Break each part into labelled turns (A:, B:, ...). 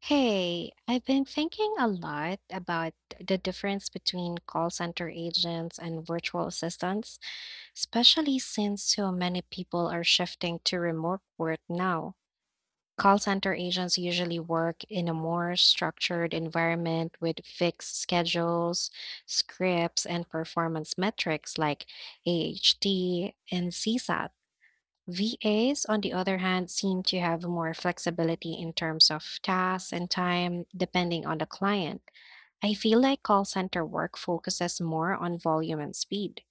A: Hey, I've been thinking a lot about the difference between call center agents and virtual assistants, especially since so many people are shifting to remote work now. Call center agents usually work in a more structured environment with fixed schedules, scripts, and performance metrics like AHT and CSAT. VAs, on the other hand, seem to have more flexibility in terms of tasks and time, depending on the client. I feel like call center work focuses more on volume and speed,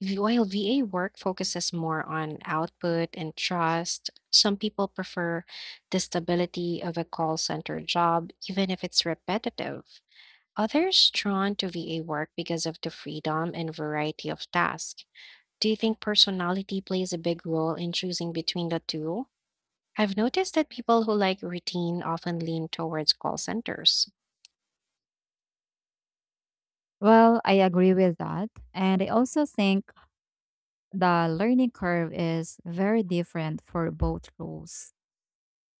A: while VA work focuses more on output and trust. Some people prefer the stability of a call center job, even if it's repetitive. Others drawn to VA work because of the freedom and variety of tasks. Do you think personality plays a big role in choosing between the two? I've noticed that people who like routine often lean towards call centers.
B: Well, I agree with that. And I also think the learning curve is very different for both roles.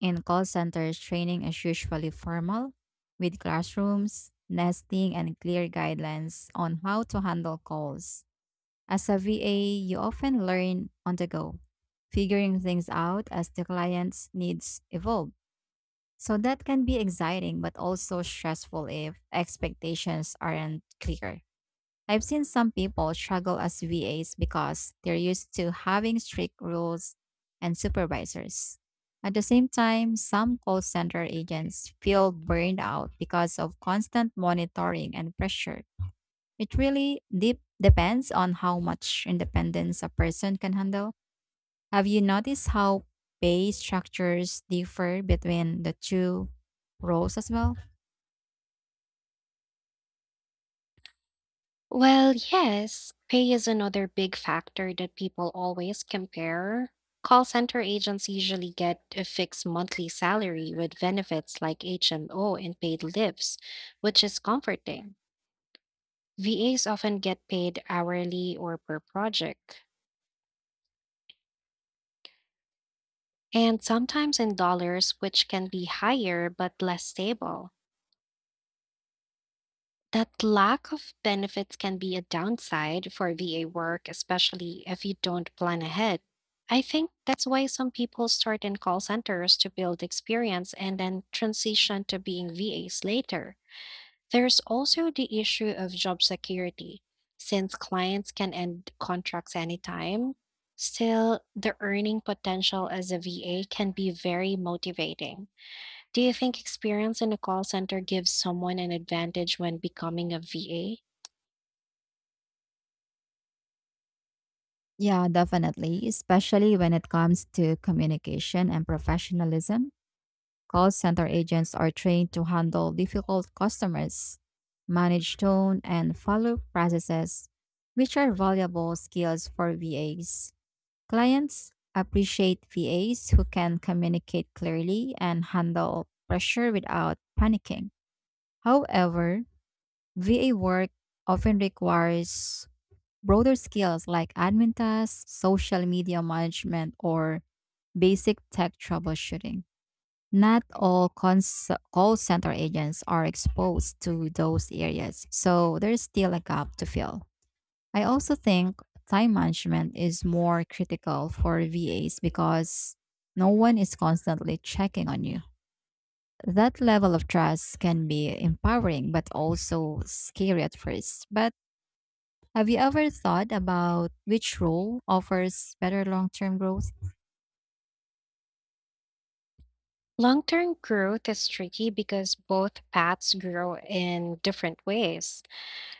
B: In call centers, training is usually formal, with classrooms, nesting, and clear guidelines on how to handle calls. As a VA, you often learn on the go, figuring things out as the client's needs evolve. So that can be exciting, but also stressful if expectations aren't clear. I've seen some people struggle as VAs because they're used to having strict rules and supervisors. At the same time, some call center agents feel burned out because of constant monitoring and pressure. It really depends on how much independence a person can handle. Have you noticed how pay structures differ between the two roles as well?
A: Well, yes, pay is another big factor that people always compare. Call center agents usually get a fixed monthly salary with benefits like HMO and paid leaves, which is comforting. VAs often get paid hourly or per project, and sometimes in dollars, which can be higher but less stable. That lack of benefits can be a downside for VA work, especially if you don't plan ahead. I think that's why some people start in call centers to build experience and then transition to being VAs later. There's also the issue of job security. Since clients can end contracts anytime, still the earning potential as a VA can be very motivating. Do you think experience in a call center gives someone an advantage when becoming a VA?
B: Yeah, definitely, especially when it comes to communication and professionalism. Call center agents are trained to handle difficult customers, manage tone, and follow processes, which are valuable skills for VAs. Clients appreciate VAs who can communicate clearly and handle pressure without panicking. However, VA work often requires broader skills like admin tasks, social media management, or basic tech troubleshooting. Not all cons- call center agents are exposed to those areas, so there's still a gap to fill. I also think time management is more critical for VAs because no one is constantly checking on you. That level of trust can be empowering but also scary at first. But have you ever thought about which role offers better long term growth?
A: Long term growth is tricky because both paths grow in different ways.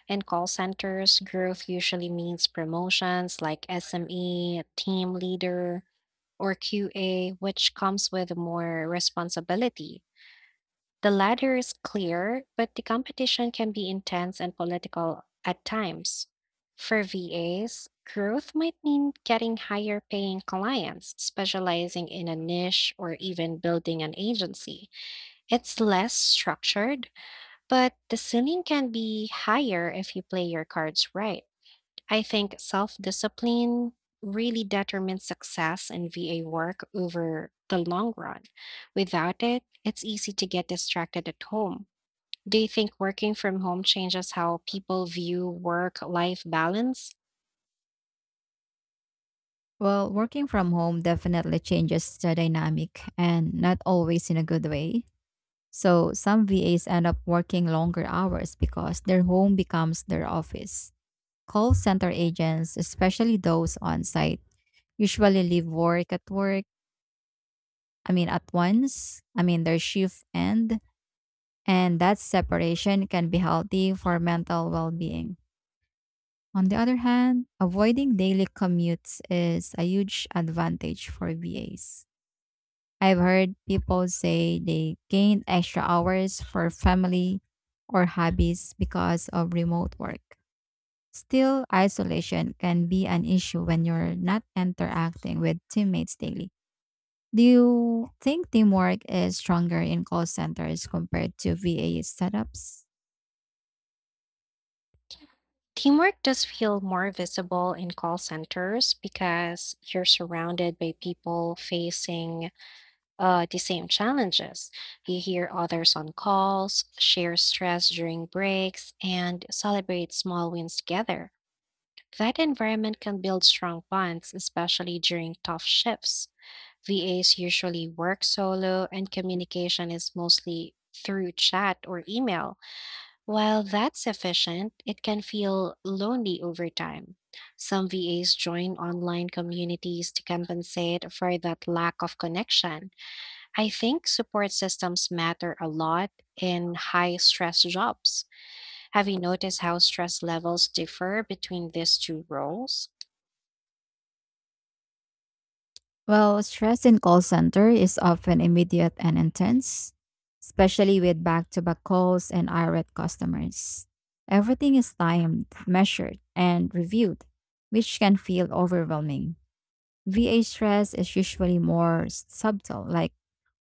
A: In call centers, growth usually means promotions like SME, team leader, or QA, which comes with more responsibility. The ladder is clear, but the competition can be intense and political at times. For VAs, growth might mean getting higher paying clients, specializing in a niche, or even building an agency. It's less structured, but the ceiling can be higher if you play your cards right. I think self discipline really determines success in VA work over the long run. Without it, it's easy to get distracted at home. Do you think working from home changes how people view work life balance?
B: Well, working from home definitely changes the dynamic and not always in a good way. So, some VAs end up working longer hours because their home becomes their office. Call center agents, especially those on site, usually leave work at work, I mean, at once, I mean, their shift end, and that separation can be healthy for mental well being. On the other hand, avoiding daily commutes is a huge advantage for VAs. I've heard people say they gained extra hours for family or hobbies because of remote work. Still, isolation can be an issue when you're not interacting with teammates daily. Do you think teamwork is stronger in call centers compared to VA setups?
A: Teamwork does feel more visible in call centers because you're surrounded by people facing the same challenges. You hear others on calls, share stress during breaks, and celebrate small wins together. That environment can build strong bonds, especially during tough shifts. VAs usually work solo, and communication is mostly through chat or email. While that's efficient, it can feel lonely over time. Some VAs join online communities to compensate for that lack of connection. I think support systems matter a lot in high stress jobs. Have you noticed how stress levels differ between these two roles?
B: Well, stress in call center is often immediate and intense, especially with back-to-back calls and irate customers. Everything is timed, measured, and reviewed, which can feel overwhelming. VA stress is usually more subtle, like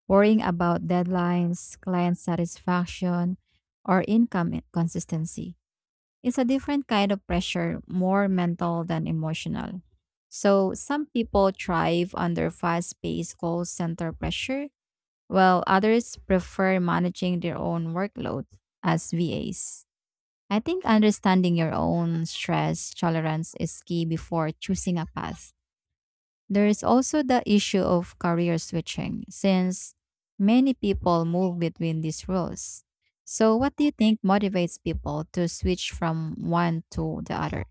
B: worrying about deadlines, client satisfaction, or income consistency. It's a different kind of pressure, more mental than emotional. So, some people thrive under fast paced call center pressure, while others prefer managing their own workload as VAs. I think understanding your own stress tolerance is key before choosing a path. There is also the issue of career switching, since many people move between these roles. So, what do you think motivates people to switch from one to the other?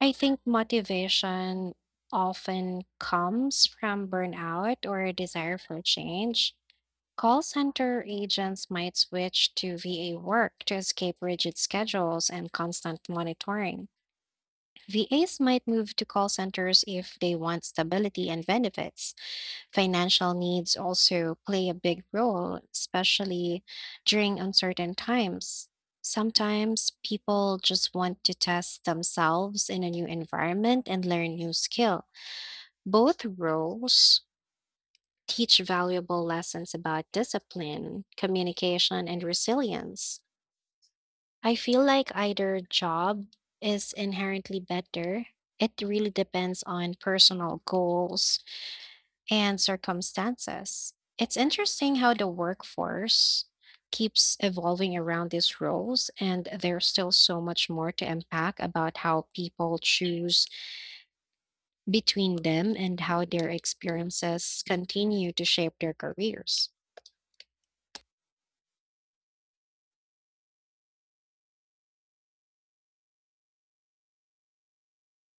A: I think motivation often comes from burnout or a desire for change. Call center agents might switch to VA work to escape rigid schedules and constant monitoring. VAs might move to call centers if they want stability and benefits. Financial needs also play a big role, especially during uncertain times. Sometimes people just want to test themselves in a new environment and learn new skill. Both roles teach valuable lessons about discipline, communication, and resilience. I feel like either job is inherently better. It really depends on personal goals, and circumstances. It's interesting how the workforce keeps evolving around these roles, and there's still so much more to unpack about how people choose between them and how their experiences continue to shape their careers.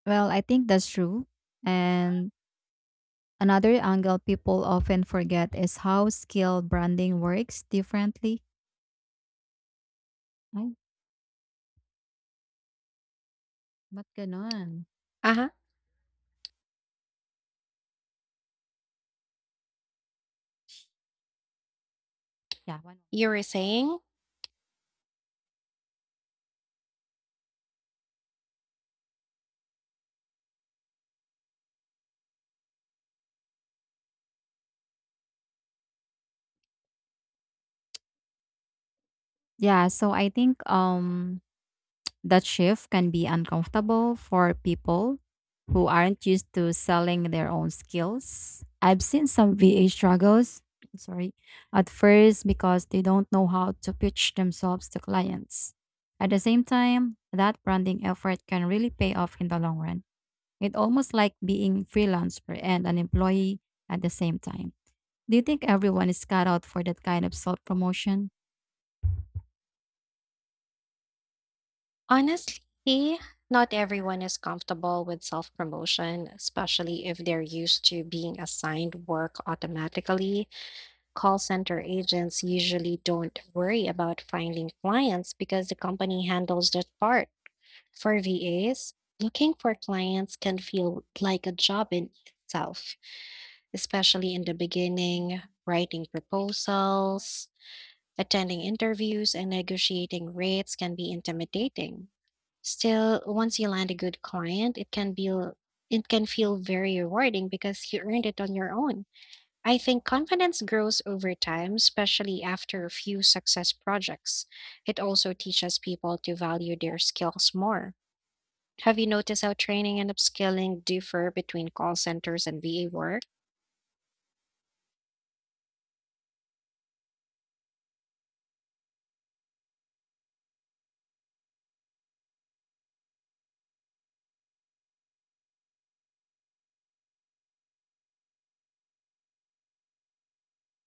B: Well, I think that's true. And another angle people often forget is how skill branding works differently. Ay, ba't ganun?
A: Uh huh.
B: Yeah, one-
A: You were saying?
B: yeah, so I think, that shift can be uncomfortable for people who aren't used to selling their own skills. I've seen some VA struggles, sorry, at first because they don't know how to pitch themselves to clients. At the same time, that branding effort can really pay off in the long run. It's almost like being freelancer and an employee at the same time. Do you think everyone is cut out for that kind of self promotion?
A: Honestly, not everyone is comfortable with self promotion, especially if they're used to being assigned work automatically. Call center agents usually don't worry about finding clients because the company handles that part. For VAs, looking for clients can feel like a job in itself, especially in the beginning, writing proposals, attending interviews and negotiating rates can be intimidating. Still, once you land a good client, it can feel very rewarding because you earned it on your own. I think confidence grows over time, especially after a few success projects. It also teaches people to value their skills more. Have you noticed how training and upskilling differ between call centers and VA work?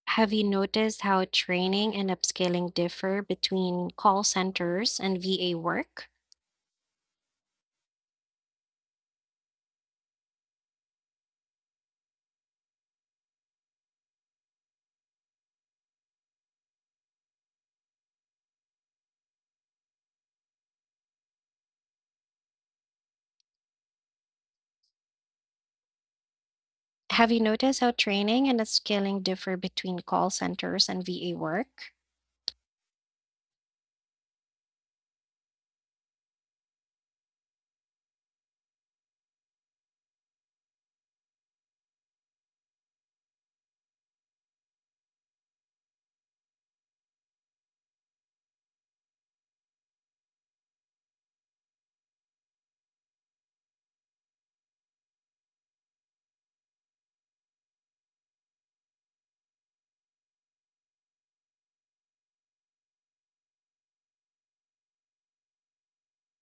A: Have you noticed how training and upskilling differ between call centers and VA work? Have you noticed how training and upskilling differ between call centers and VA work?